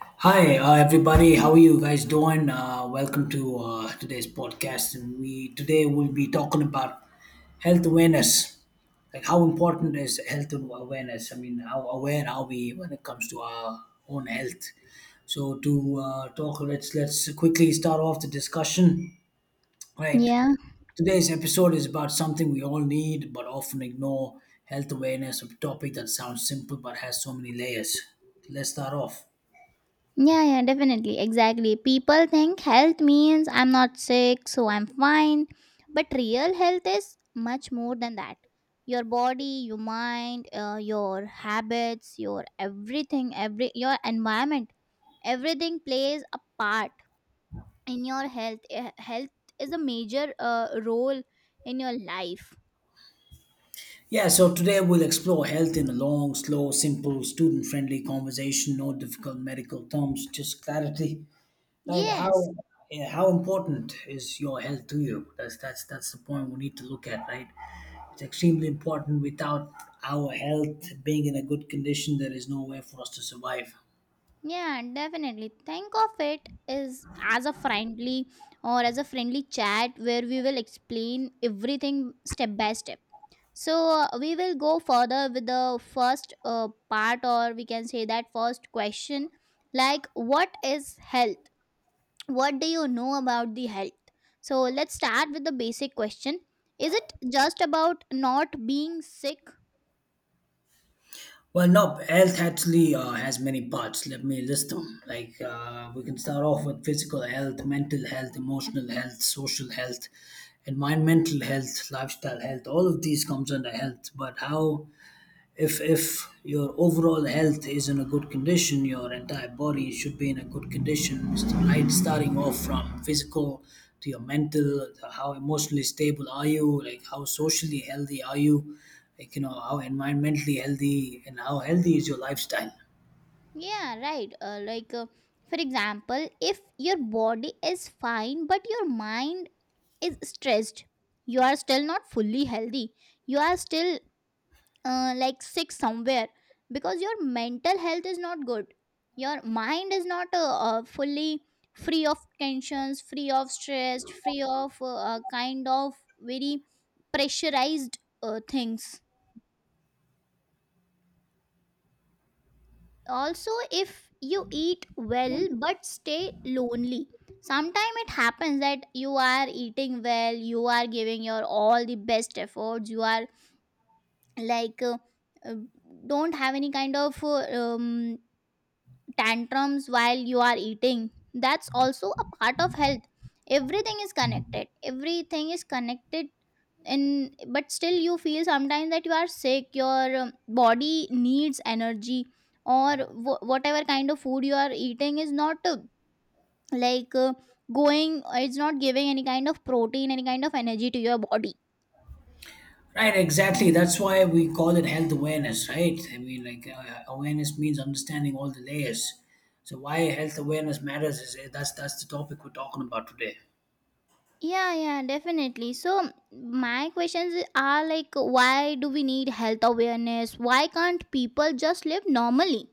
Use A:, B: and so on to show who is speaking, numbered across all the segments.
A: Hi, everybody. How are you guys doing? Welcome to today's podcast, and we today will be talking about health awareness. Like how important is health awareness? I mean, how aware are we when it comes to our own health? So to talk, let's quickly start off the discussion. Right.
B: Yeah,
A: Today's episode is about something we all need but often ignore: health awareness, a topic that sounds simple but has so many layers. Let's start off.
B: yeah, definitely. Exactly. People think health means I'm not sick, so I'm fine. But real health is much more than that. Your body, your mind, your habits, your everything, every your environment, everything plays a part in your health. Health is a major role in your life.
A: Yeah, so today we'll explore health in a long, slow, simple, student friendly conversation, no difficult medical terms, just clarity. Right?
B: Yes,
A: How yeah, how important is your health to you? That's the point we need to look at, right? It's extremely important. Without our health being in a good condition, there is no way for us to survive.
B: yeah, definitely. Think of it is as a friendly or as a friendly chat where we will explain everything step by step. So we will go further with the first part, or we can say that first question, like what is health? What do you know about the health? So let's start with the basic question. Is it just about not being sick?
A: Well, nope. Health actually has many parts. Let me list them. Like we can start off with physical health, mental health, emotional health, social health, environmental health, lifestyle health. All of these comes under health. But how? If your overall health is in a good condition, your entire body should be in a good condition, right, starting off from physical to your mental, to how emotionally stable are you, like how socially healthy are you, like you know how environmentally healthy and how healthy is your lifestyle.
B: Yeah, right. For example, if your body is fine but your mind is stressed, you are still not fully healthy. You are still like sick somewhere because your mental health is not good. Your mind is not fully free of tensions, free of stress, free of kind of very pressurized things. Also if you eat well but stay lonely, sometimes it happens that you are eating well, you are giving your all the best efforts, you are like uh, don't have any kind of tantrums while you are eating. That's also a part of health. Everything is connected, and but still you feel sometimes that you are sick, your body needs energy, or whatever kind of food you are eating is not like uh, going, it's not giving any kind of protein, any kind of energy to your body.
A: Right, exactly. That's why we call it health awareness, right? I mean, like awareness means understanding all the layers. So why health awareness matters is that's the topic we're talking about today.
B: Yeah, yeah, definitely. So my questions are like, why do we need health awareness? Why can't people just live normally?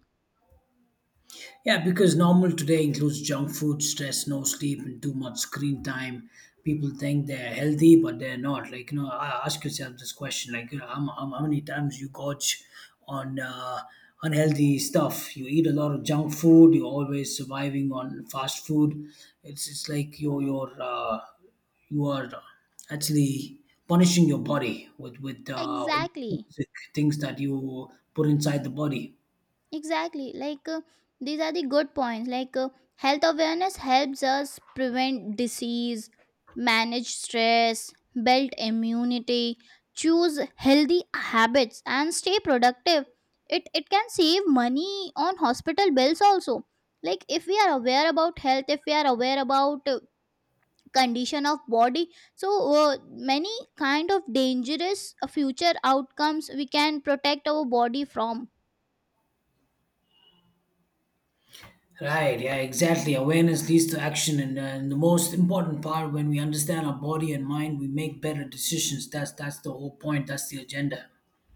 A: Yeah, because normal today includes junk food, stress, no sleep, and too much screen time. People think they're healthy, but they're not. Like, you know, I ask yourself this question: like, you know, how many times you gorge on unhealthy stuff? You eat a lot of junk food. You're always surviving on fast food. It's like you are actually punishing your body with
B: Exactly.
A: things that you put inside the body.
B: Exactly. These are the good points. Health awareness helps us prevent disease, manage stress, build immunity, choose healthy habits and stay productive. It can save money on hospital bills also. Like if we are aware about health, if we are aware about condition of body, so many kind of dangerous future outcomes we can protect our body from.
A: Right, yeah, exactly. Awareness leads to action, and the most important part, when we understand our body and mind, we make better decisions. That's the whole point. That's the agenda.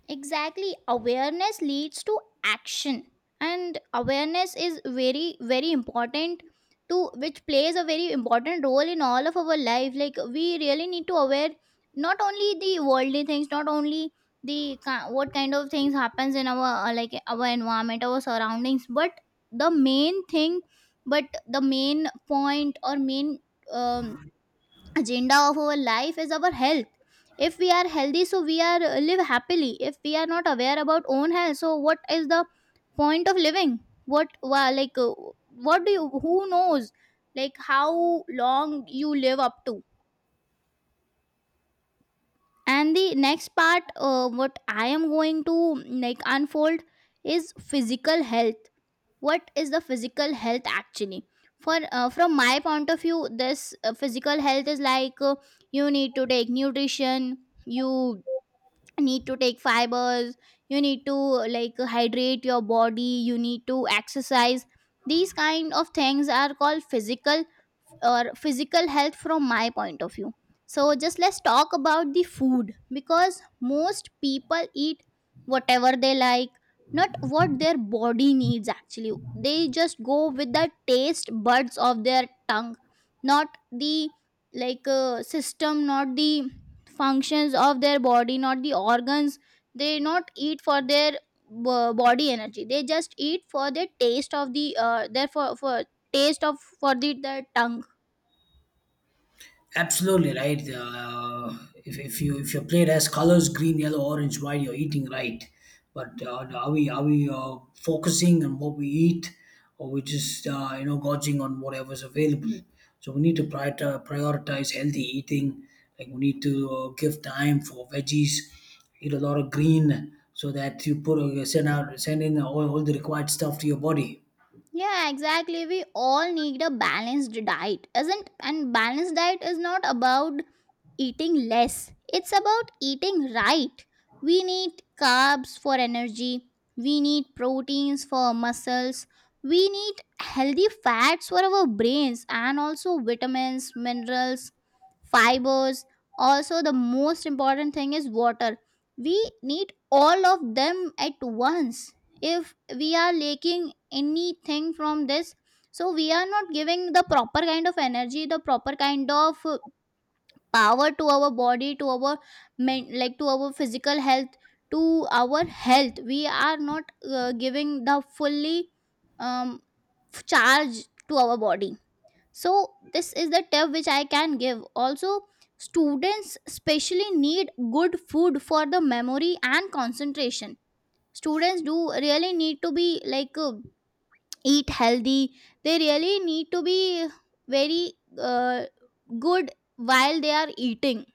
B: Exactly. Awareness leads to action. And awareness is very, very important to, which plays a very important role in all of our life. Like we really need to aware not only the worldly things, not only the what kind of things happens in our like our environment, our surroundings, but the main thing, but the main point or main um, agenda of our life is our health. If we are healthy, so we are live happily. If we are not aware about own health, so what is the point of living? What what do you, who knows like how long you live up to. And the next part what I am going to like unfold is physical health. What is the physical health actually? For from my point of view, this physical health is you need to take nutrition, you need to take fibers, you need to like hydrate your body, you need to exercise. These kind of things are called physical or physical health from my point of view. So just let's talk about the food, because most people eat whatever they like, not what their body needs. Actually they just go with the taste buds of their tongue, not the system, not the functions of their body, not the organs. They not eat for their body energy, they just eat for the taste of the their for taste of for the their tongue.
A: Absolutely right. If you, if you plate has colors green, yellow, orange, white, you're eating right. But are we, are we focusing on what we eat, or we just you know, gorging on whatever's available? So we need to prioritize healthy eating. Like we need to give time for veggies, eat a lot of green, so that you put send out, send in all the required stuff to your body.
B: Yeah, exactly. We all need a balanced diet, isn't? And balanced diet is not about eating less. It's about eating right. We need carbs for energy. We need proteins for muscles. We need healthy fats for our brains, and also vitamins, minerals, fibers. Also, the most important thing is water. We need all of them at once. If we are lacking anything from this, so we are not giving the proper kind of energy, the proper kind of power to our body, to our like to our physical health, to our health, we are not giving the fully um, charge to our body. So this is the tip which I can give also. Students especially need good food for the memory and concentration. Students do really need to be eat healthy. They really need to be very uh, good while they are eating.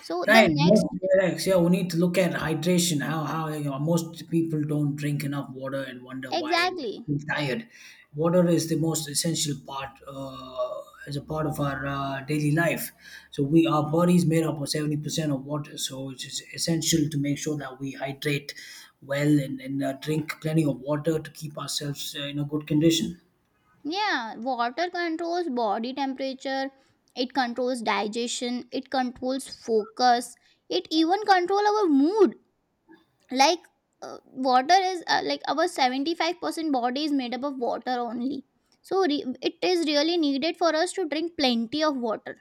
B: So the
A: Right,
B: next,
A: most relax. Yeah, we need to look at hydration. How you know, most people don't drink enough water and wonder why
B: exactly.
A: they're tired. Water is the most essential part as a part of our daily life. So we, our bodies made up of 70% of water. So it is essential to make sure that we hydrate well and, and drink plenty of water to keep ourselves in a good condition.
B: Yeah, water controls body temperature, it controls digestion, it controls focus, it even control our mood. like water is like our 75% body is made up of water only. So it is really needed for us to drink plenty of water.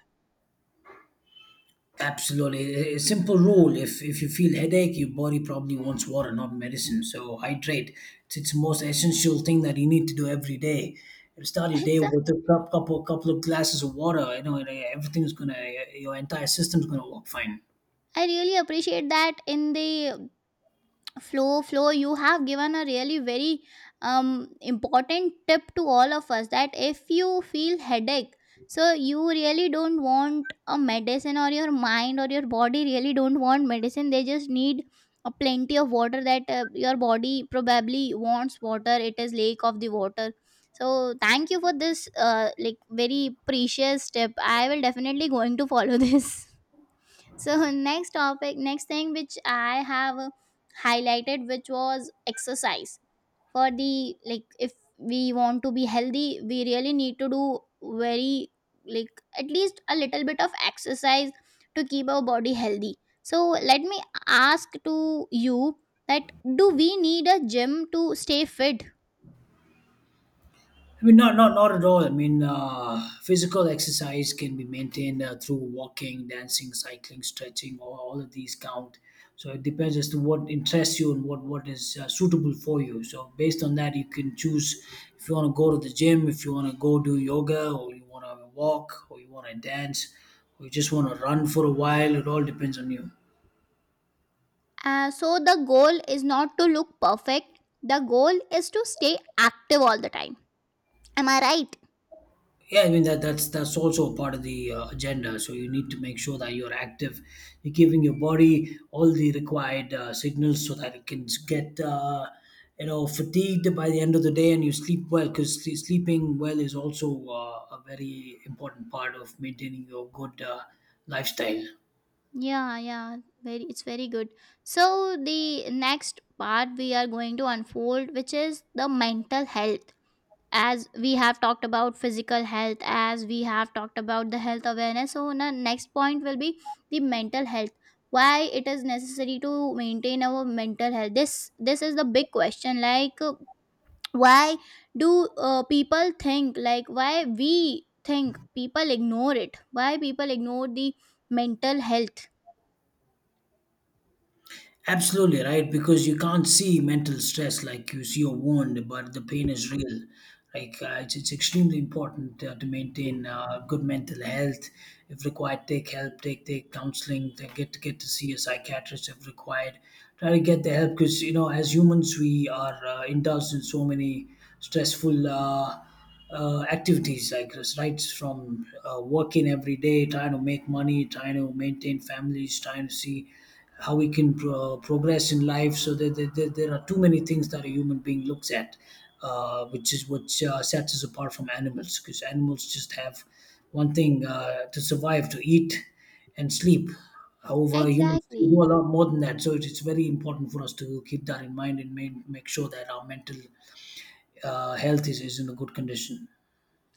A: Absolutely. A simple rule, if you feel headache, your body probably wants water, not medicine. So hydrate. It's the most essential thing that you need to do every day. You start your day
B: It's a,
A: with a couple of glasses of water. You know, and, everything's gonna, your entire system's gonna work fine.
B: I really appreciate that in the flow you have given a really very important tip to all of us that if you feel headache, so you really don't want a medicine, or your mind or your body really don't want medicine. They just need a plenty of water. That your body probably wants water, it is lake of the water. So thank you for this like very precious tip. I will definitely going to follow this. So next topic, next thing which I have highlighted, which was exercise. For the like, if we want to be healthy, we really need to do very like at least a little bit of exercise to keep our body healthy. So let me ask to you that, do we need a gym to stay fit?
A: I mean, not at all. I mean, physical exercise can be maintained through walking, dancing, cycling, stretching. All of these count. So it depends as to what interests you and what is suitable for you. So based on that, you can choose if you want to go to the gym, if you want to go do yoga, or you want to walk, or you want to dance, or you just want to run for a while. It all depends on you.
B: So the goal is not to look perfect. The goal is to stay active all the time. Am I right?
A: Yeah, I mean, that's also a part of the agenda. So you need to make sure that you're active, you're giving your body all the required signals so that it can get you know, fatigued by the end of the day and you sleep well. Because sleeping well is also a very important part of maintaining your good lifestyle.
B: Yeah, yeah, very, it's very good. So the next part we are going to unfold, which is the mental health. As we have talked about physical health, as we have talked about the health awareness, so the next point will be the mental health. Why it is necessary to maintain our mental health? This is the big question. Like, why do people think? Like, why we think people ignore it? Why people ignore the mental health?
A: Absolutely right, because you can't see mental stress like you see a wound, but the pain is real. Like it's extremely important to maintain good mental health. If required, take help, take counseling, to get to see a psychiatrist if required. Try to get the help, because you know as humans we are indulged in so many stressful. Activities, like, guess, right? From working every day, trying to make money, trying to maintain families, trying to see how we can progress in life. So there are too many things that a human being looks at, which is what sets us apart from animals, because animals just have one thing to survive, to eat and sleep. However, humans do
B: Exactly.
A: a lot more than that. So it is very important for us to keep that in mind and make sure that our mental health is in a good condition.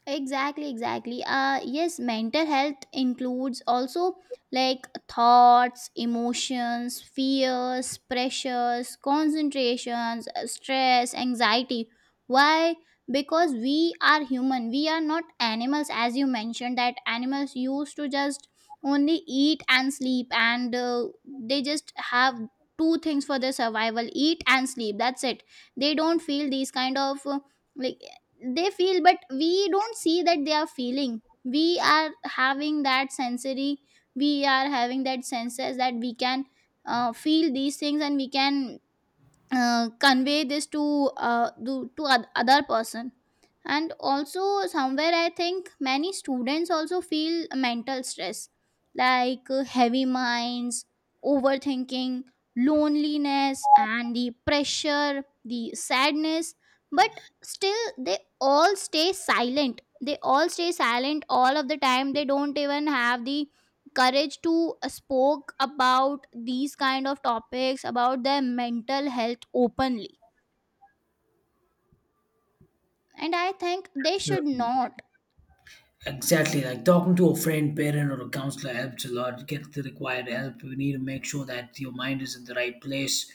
B: Exactly, exactly. Yes, mental health includes also like thoughts, emotions, fears, pressures, concentrations, stress, anxiety. Why? Because we are human. We are not animals. As you mentioned that animals used to just only eat and sleep, and they just have two things for their survival, eat and sleep. That's it. They don't feel these kind of like they feel, but we don't see that they are feeling. We are having that sensory, we are having that senses that we can feel these things, and we can convey this to to other person. And also, somewhere I think many students also feel mental stress, heavy minds, overthinking, loneliness and the pressure, the sadness. But still they all stay silent, they all stay silent all of the time. They don't even have the courage to spoke about these kind of topics about their mental health openly. And I think they should
A: Certainly.
B: not.
A: Exactly. Like talking to a friend, parent, or a counselor helps a lot. Get the required help. We need to make sure that your mind is in the right place,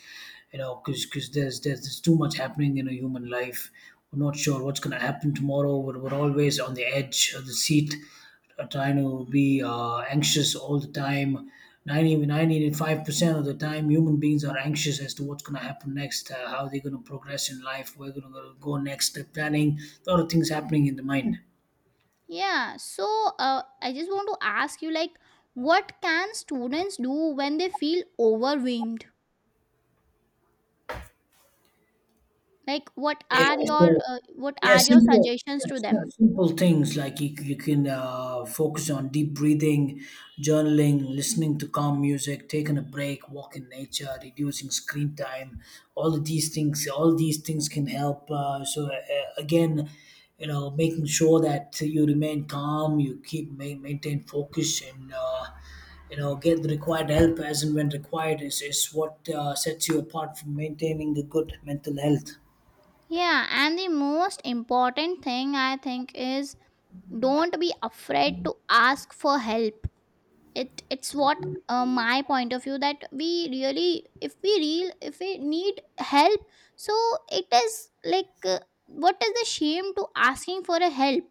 A: you know, because there's too much happening in a human life. We're not sure what's going to happen tomorrow. We're always on the edge of the seat, trying to be anxious all the time. Ninety five percent of the time, human beings are anxious as to what's going to happen next, how they're going to progress in life, where they're going to go next. The planning, a lot of things happening in the mind.
B: Yeah, so I just want to ask you, like, what can students do when they feel overwhelmed, like
A: Yeah, so
B: what
A: yeah,
B: are your
A: simple,
B: suggestions
A: yeah,
B: to them?
A: Simple things like you can focus on deep breathing, journaling, listening to calm music, taking a break, walk in nature, reducing screen time. All these things can help. Again, you know, making sure that you remain calm, you keep maintain focus, and you know, get the required help as and when required is what sets you apart from maintaining a good mental health.
B: Yeah, and the most important thing I think is, don't be afraid to ask for help. It's what my point of view that we really, if we need help, so it is what is the shame to asking for a help.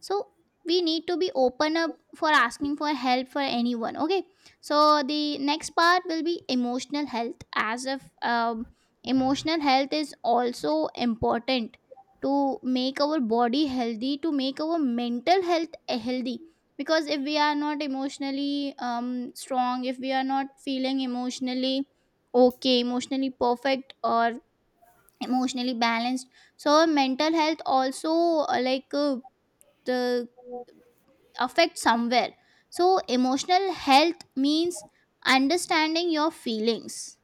B: So we need to be open up for asking for help for anyone. Okay, so the next part will be emotional health. As if emotional health is also important to make our body healthy, to make our mental health healthy. Because if we are not emotionally strong, if we are not feeling emotionally okay, emotionally perfect or emotionally balanced, so our mental health also uh, like uh, the affect somewhere. So emotional health means understanding your feelings.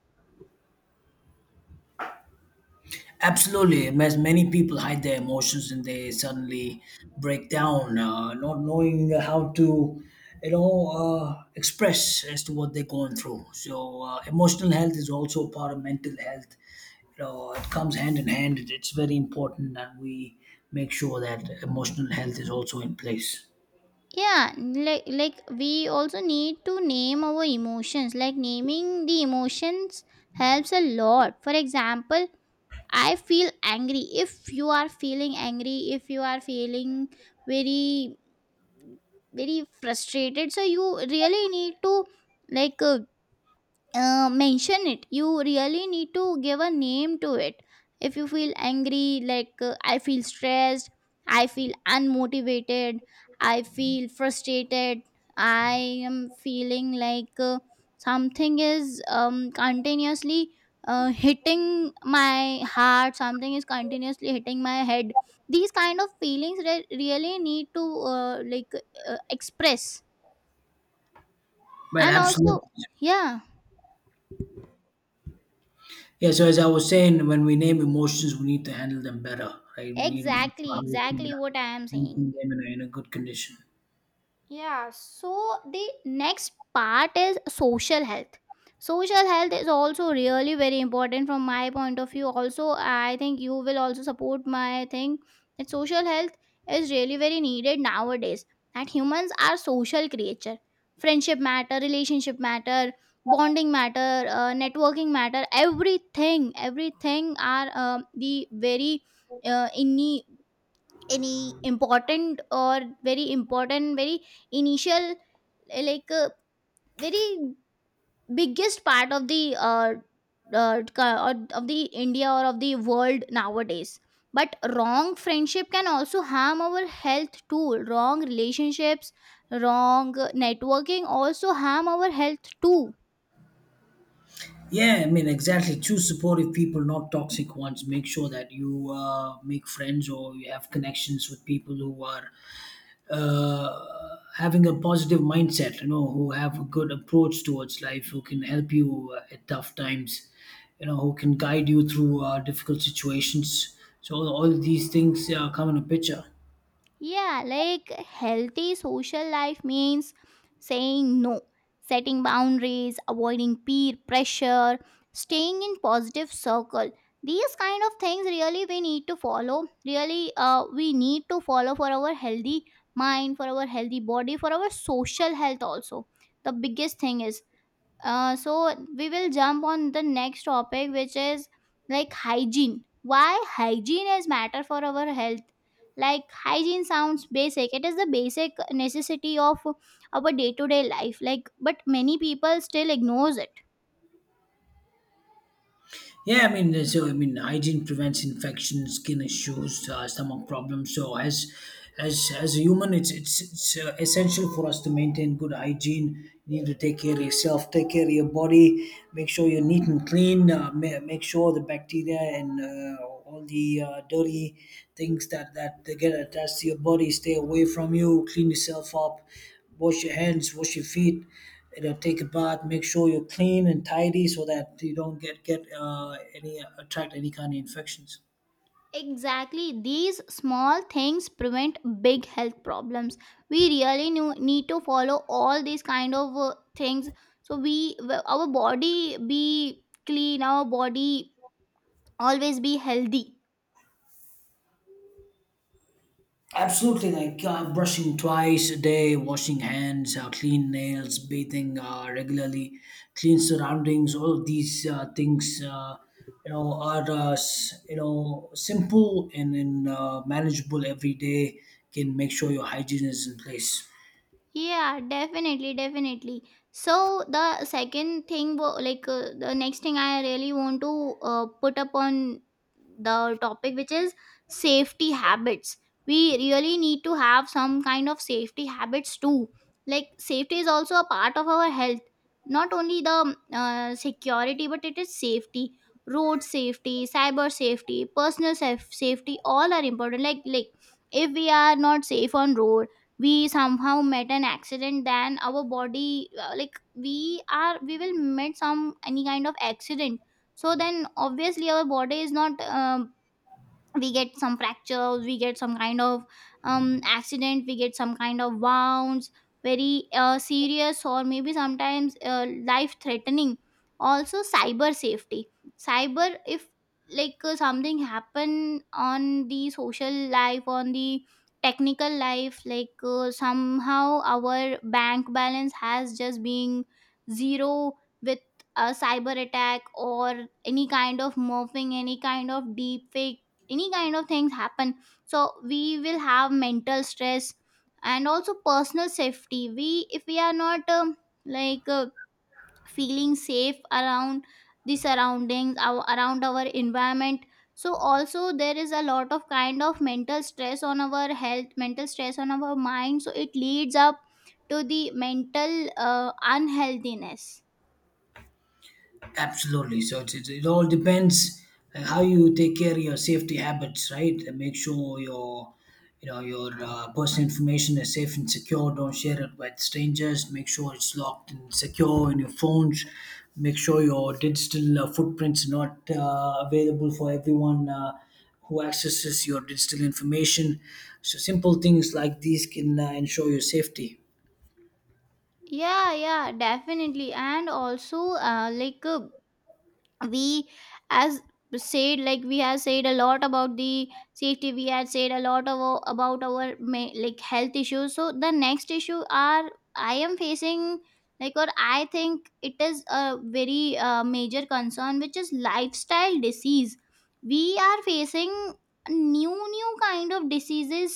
A: Absolutely, as many people hide their emotions and they suddenly break down, not knowing how to, you know, express as to what they're going through. So, emotional health is also part of mental health. You know, it comes hand in hand. It's very important that we make sure that emotional health is also in place.
B: Yeah, like we also need to name our emotions. Like naming the emotions helps a lot. For example, I feel angry. If you are feeling angry, if you are feeling very, very frustrated, so you really need to like uh, mention it. You really need to give a name to it. If you feel angry, I feel stressed, I feel unmotivated, I feel frustrated, I am feeling something is continuously hitting my heart, something is continuously hitting my head. These kind of feelings really need to uh, like express.
A: Well,
B: And also,
A: absolutely.
B: yeah.
A: Yeah. So, as I was saying, when we name emotions, we need to handle them better, right? We need to make sure
B: Exactly,
A: how we can
B: exactly what I am
A: maintain
B: saying.
A: them in a good condition.
B: Yeah, so the next part is social health. Social health is also really very important from my point of view. Also, I think you will also support my thing that social health is really very needed nowadays. That humans are social creature. Friendship matter, relationship matter, bonding matter, networking matter. Everything are the very innate any important or very important very initial uh, like uh, very biggest part of the india or of the world nowadays. But wrong friendship can also harm our health too. Wrong relationships, wrong networking also harm our health too.
A: Yeah, I mean, exactly. Choose supportive people, not toxic ones. Make sure that you make friends or you have connections with people who are having a positive mindset, you know, who have a good approach towards life, who can help you at tough times, you know, who can guide you through difficult situations. So, all these things come in a picture.
B: Yeah, like healthy social life means saying no, setting boundaries, avoiding peer pressure, staying in positive circle. These kind of things really we need to follow. Really, we need to follow for our healthy mind, for our healthy body, for our social health also. The biggest thing is so we will jump on the next topic, which is like hygiene. Why hygiene is matter for our health? Like hygiene sounds basic, it is the basic necessity of our day-to-day life, like, but many people still ignores it.
A: Yeah, I mean, so I mean, hygiene prevents infection, skin issues, stomach problems. So as a human, it's essential for us to maintain good hygiene. You need to take care of yourself, take care of your body, make sure you're neat and clean. Make sure the bacteria and all the dirty things that that they get attached to your body stay away from you. Clean yourself up, wash your hands, wash your feet, you know, take a bath, make sure you're clean and tidy so that you don't get any, attract any kind of infections.
B: Exactly, these small things prevent big health problems. We really need to follow all these kind of things, so we our body be clean, our body always be healthy.
A: Absolutely, like brushing twice a day, washing hands, clean nails, bathing regularly, clean surroundings. All of these things, you know, are you know, simple and, and manageable every day. Can make sure your hygiene is in place.
B: Yeah, definitely, definitely. So the second thing, the next thing I really want to put up on the topic, which is safety habits. We really need to have some kind of safety habits too. Like safety is also a part of our health. Not only the security, but it is safety. Road safety, cyber safety, safety, all are important. Like if we are not safe on road, we somehow met an accident, then our body like we will meet some any kind of accident. So then obviously our body is not we get some fractures, we get some kind of accident, we get some kind of wounds, very serious, or maybe sometimes life threatening. Also cyber safety. Cyber, if like something happen on the social life, on the technical life, like somehow our bank balance has just been zero with a cyber attack, or any kind of morphing, any kind of deep fake, any kind of things happen, so we will have mental stress. And also personal safety, we if we are not like uh, feeling safe around the surroundings, our, around our environment. So also there is a lot of kind of mental stress on our health, mental stress on our mind, so it leads up to the mental unhealthiness.
A: Absolutely. So it all depends how you take care of your safety habits, right? And make sure your, you know, your personal information is safe and secure. Don't share it with strangers. Make sure it's locked and secure in your phones. Make sure your digital footprints are not available for everyone. Who accesses your digital information. So, simple things like these can ensure your safety.
B: Yeah, yeah, definitely. And also we, as said, like we have said a lot about the safety, we had said a lot of about our like health issues. So the next issue are I am facing, like, or I think it is a very major concern, which is lifestyle disease. We are facing new kind of diseases,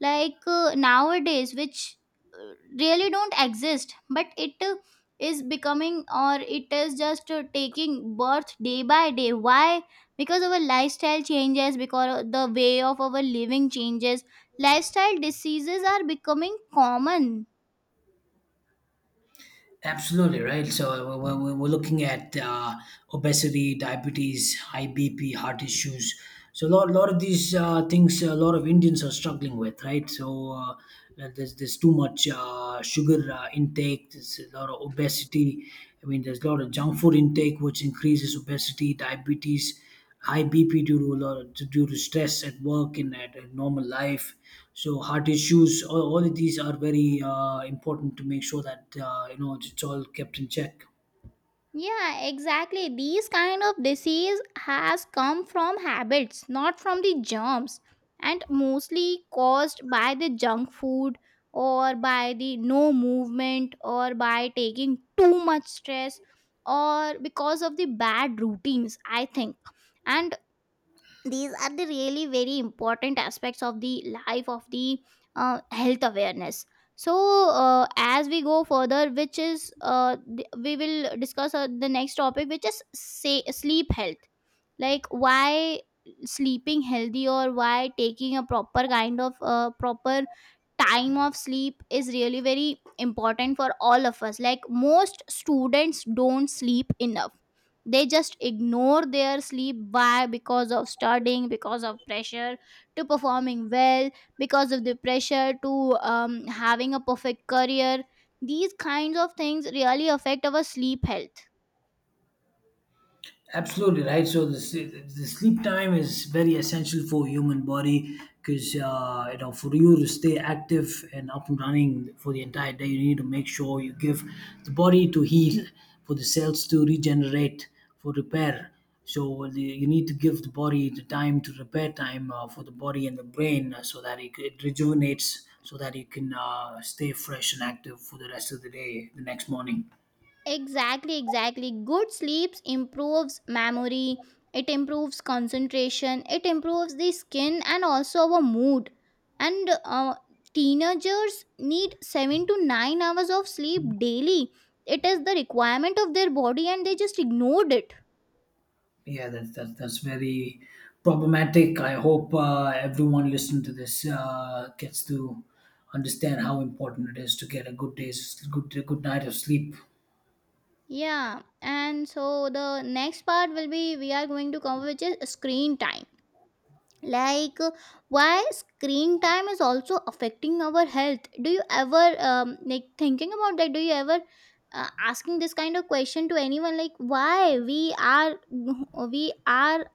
B: like nowadays, which uh, really don't exist, but it is becoming, or it is just taking birth day by day. Why? Because our lifestyle changes, because the way of our living changes. Lifestyle diseases are becoming common.
A: Absolutely right. So we're looking at obesity, diabetes, high BP, heart issues. So lot of these things, a lot of Indians are struggling with, right? So there's too much sugar intake. There's a lot of obesity. I mean, there's a lot of junk food intake, which increases obesity, diabetes, high BP due to a lot, due to stress at work and at normal life. So heart issues, all of these are very important to make sure that you know, it's all kept in check.
B: Yeah, exactly. These kind of disease has come from habits, not from the germs, and mostly caused by the junk food, or by the no movement, or by taking too much stress, or because of the bad routines, I think. And these are the really very important aspects of the life of the health awareness. So as we go further, which is we will discuss the next topic, which is say sleep health. Like why sleeping healthy, or why taking a proper kind of proper time of sleep is really very important for all of us. Like most students don't sleep enough, they just ignore their sleep. Why? Because of studying, because of pressure to performing well, because of the pressure to having a perfect career. These kinds of things really affect our sleep health.
A: Absolutely right. So the sleep time is very essential for human body because you know, for you to stay active and up and running for the entire day, you need to make sure you give the body to heal, for the cells to regenerate, for repair. So well, the, you need to give the body the time to repair time for the body and the brain so that it rejuvenates, so that you can stay fresh and active for the rest of the day, the next morning.
B: Exactly, exactly. Good sleeps improves memory, it improves concentration, it improves the skin, and also our mood. And teenagers need 7 to 9 hours of sleep daily. It is the requirement of their body, and they just ignored it.
A: Yeah, that's very problematic. I hope everyone listening to this gets to understand how important it is to get a good night of sleep.
B: Yeah, and so the next part will be we are going to cover, which is screen time. Like why screen time is also affecting our health. Do you ever like thinking about that? Do you ever asking this kind of question to anyone, like why we are we are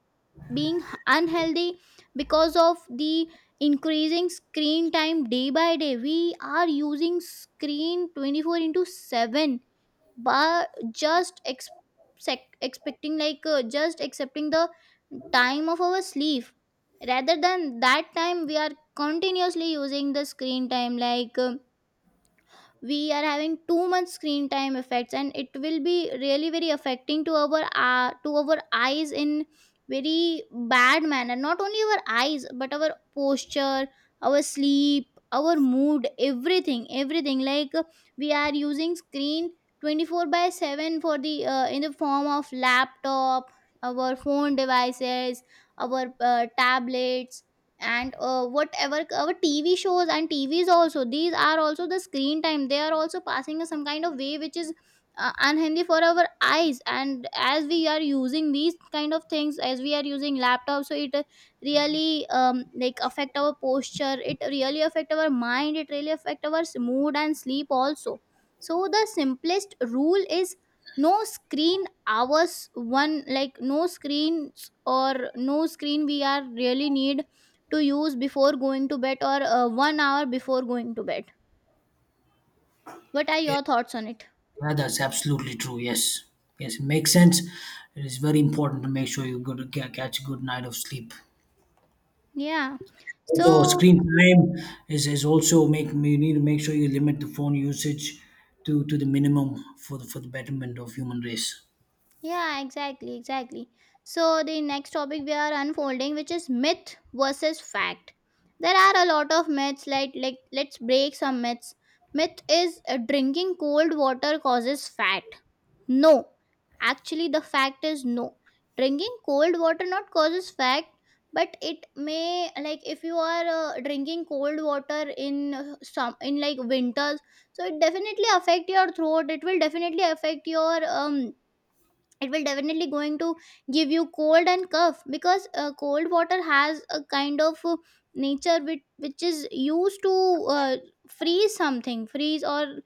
B: being unhealthy because of the increasing screen time day by day. We are using screen 24 into 7, but just expecting, like just accepting the time of our sleep. Rather than that time, we are continuously using the screen time, like we are having too much screen time effects, and it will be really very affecting to our eyes in very bad manner. Not only our eyes, but our posture, our sleep, our mood, everything, everything. Like we are using screen 24 by 7 for the in the form of laptop, our phone devices, our tablets, and whatever our tv shows and tvs also. These are also the screen time, they are also passing us some kind of way, which is unhealthy for our eyes. And as we are using these kind of things, as we are using laptops, so it really like affect our posture, it really affect our mind, it really affect our mood and sleep also. So the simplest rule is no screen hours one, like no screens or no screen we are really need to use before going to bed, or 1 hour before going to bed. What are your thoughts on it?
A: Yeah, that's absolutely true. Yes, yes, it makes sense. It is very important to make sure you go to get catch a good night of sleep.
B: yeah
A: Also,
B: so
A: screen time is also making, you need to make sure you limit the phone usage to the minimum for the betterment of human race.
B: Yeah, exactly, exactly. So, the next topic we are unfolding, which is myth versus fact. There are a lot of myths, like, let's break some myths. Myth is drinking cold water causes fat. No, actually, the fact is no. Drinking cold water not causes fat, but it may, like if you are drinking cold water in some in like winters, so it definitely affect your throat. It will definitely affect your it will definitely going to give you cold and cough because cold water has a kind of nature, which is used to freeze something, freeze, or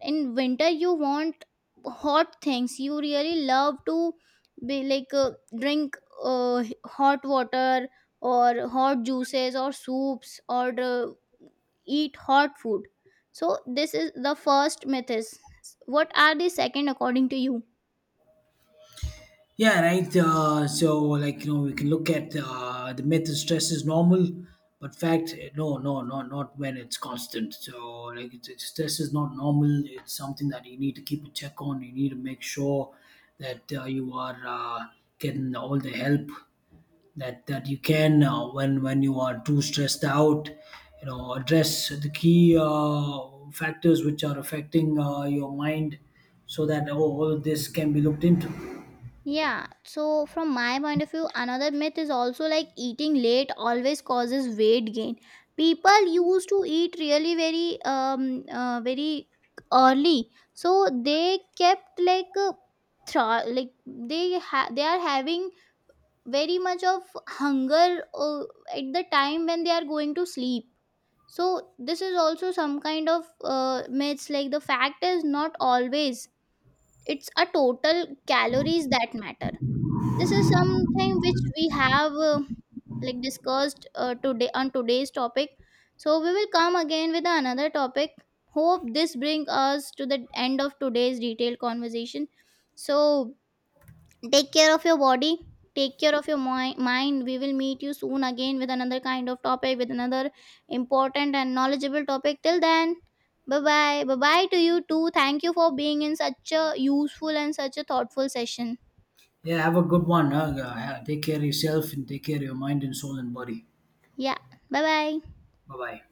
B: in winter you want hot things. You really love to be like drink hot water, or hot juices or soups, or eat hot food. So this is the first myth is, what are the second according to you?
A: Yeah, right. So, like you know, we can look at the myth: is stress is normal, but fact, no, no, no, not when it's constant. So, like, stress is not normal. It's something that you need to keep a check on. You need to make sure that you are getting all the help that that you can when you are too stressed out. You know, address the key factors which are affecting your mind, so that oh, all this can be looked into.
B: Yeah, so from my point of view, another myth is also like eating late always causes weight gain. People used to eat really very very early, so they kept like they they are having very much of hunger at the time when they are going to sleep. So this is also some kind of myths. Like the fact is not always, it's a total calories that matter. This is something which we have like discussed today on today's topic. So we will come again with another topic. Hope this brings us to the end of today's detailed conversation. So take care of your body, take care of your mind. We will meet you soon again with another kind of topic, with another important and knowledgeable topic. Till then, bye bye to you too. Thank you for being in such a useful and such a thoughtful session.
A: Yeah, have a good one. Huh? Yeah, yeah. Take care of yourself and take care of your mind and soul and body.
B: Yeah, bye bye.
A: Bye bye.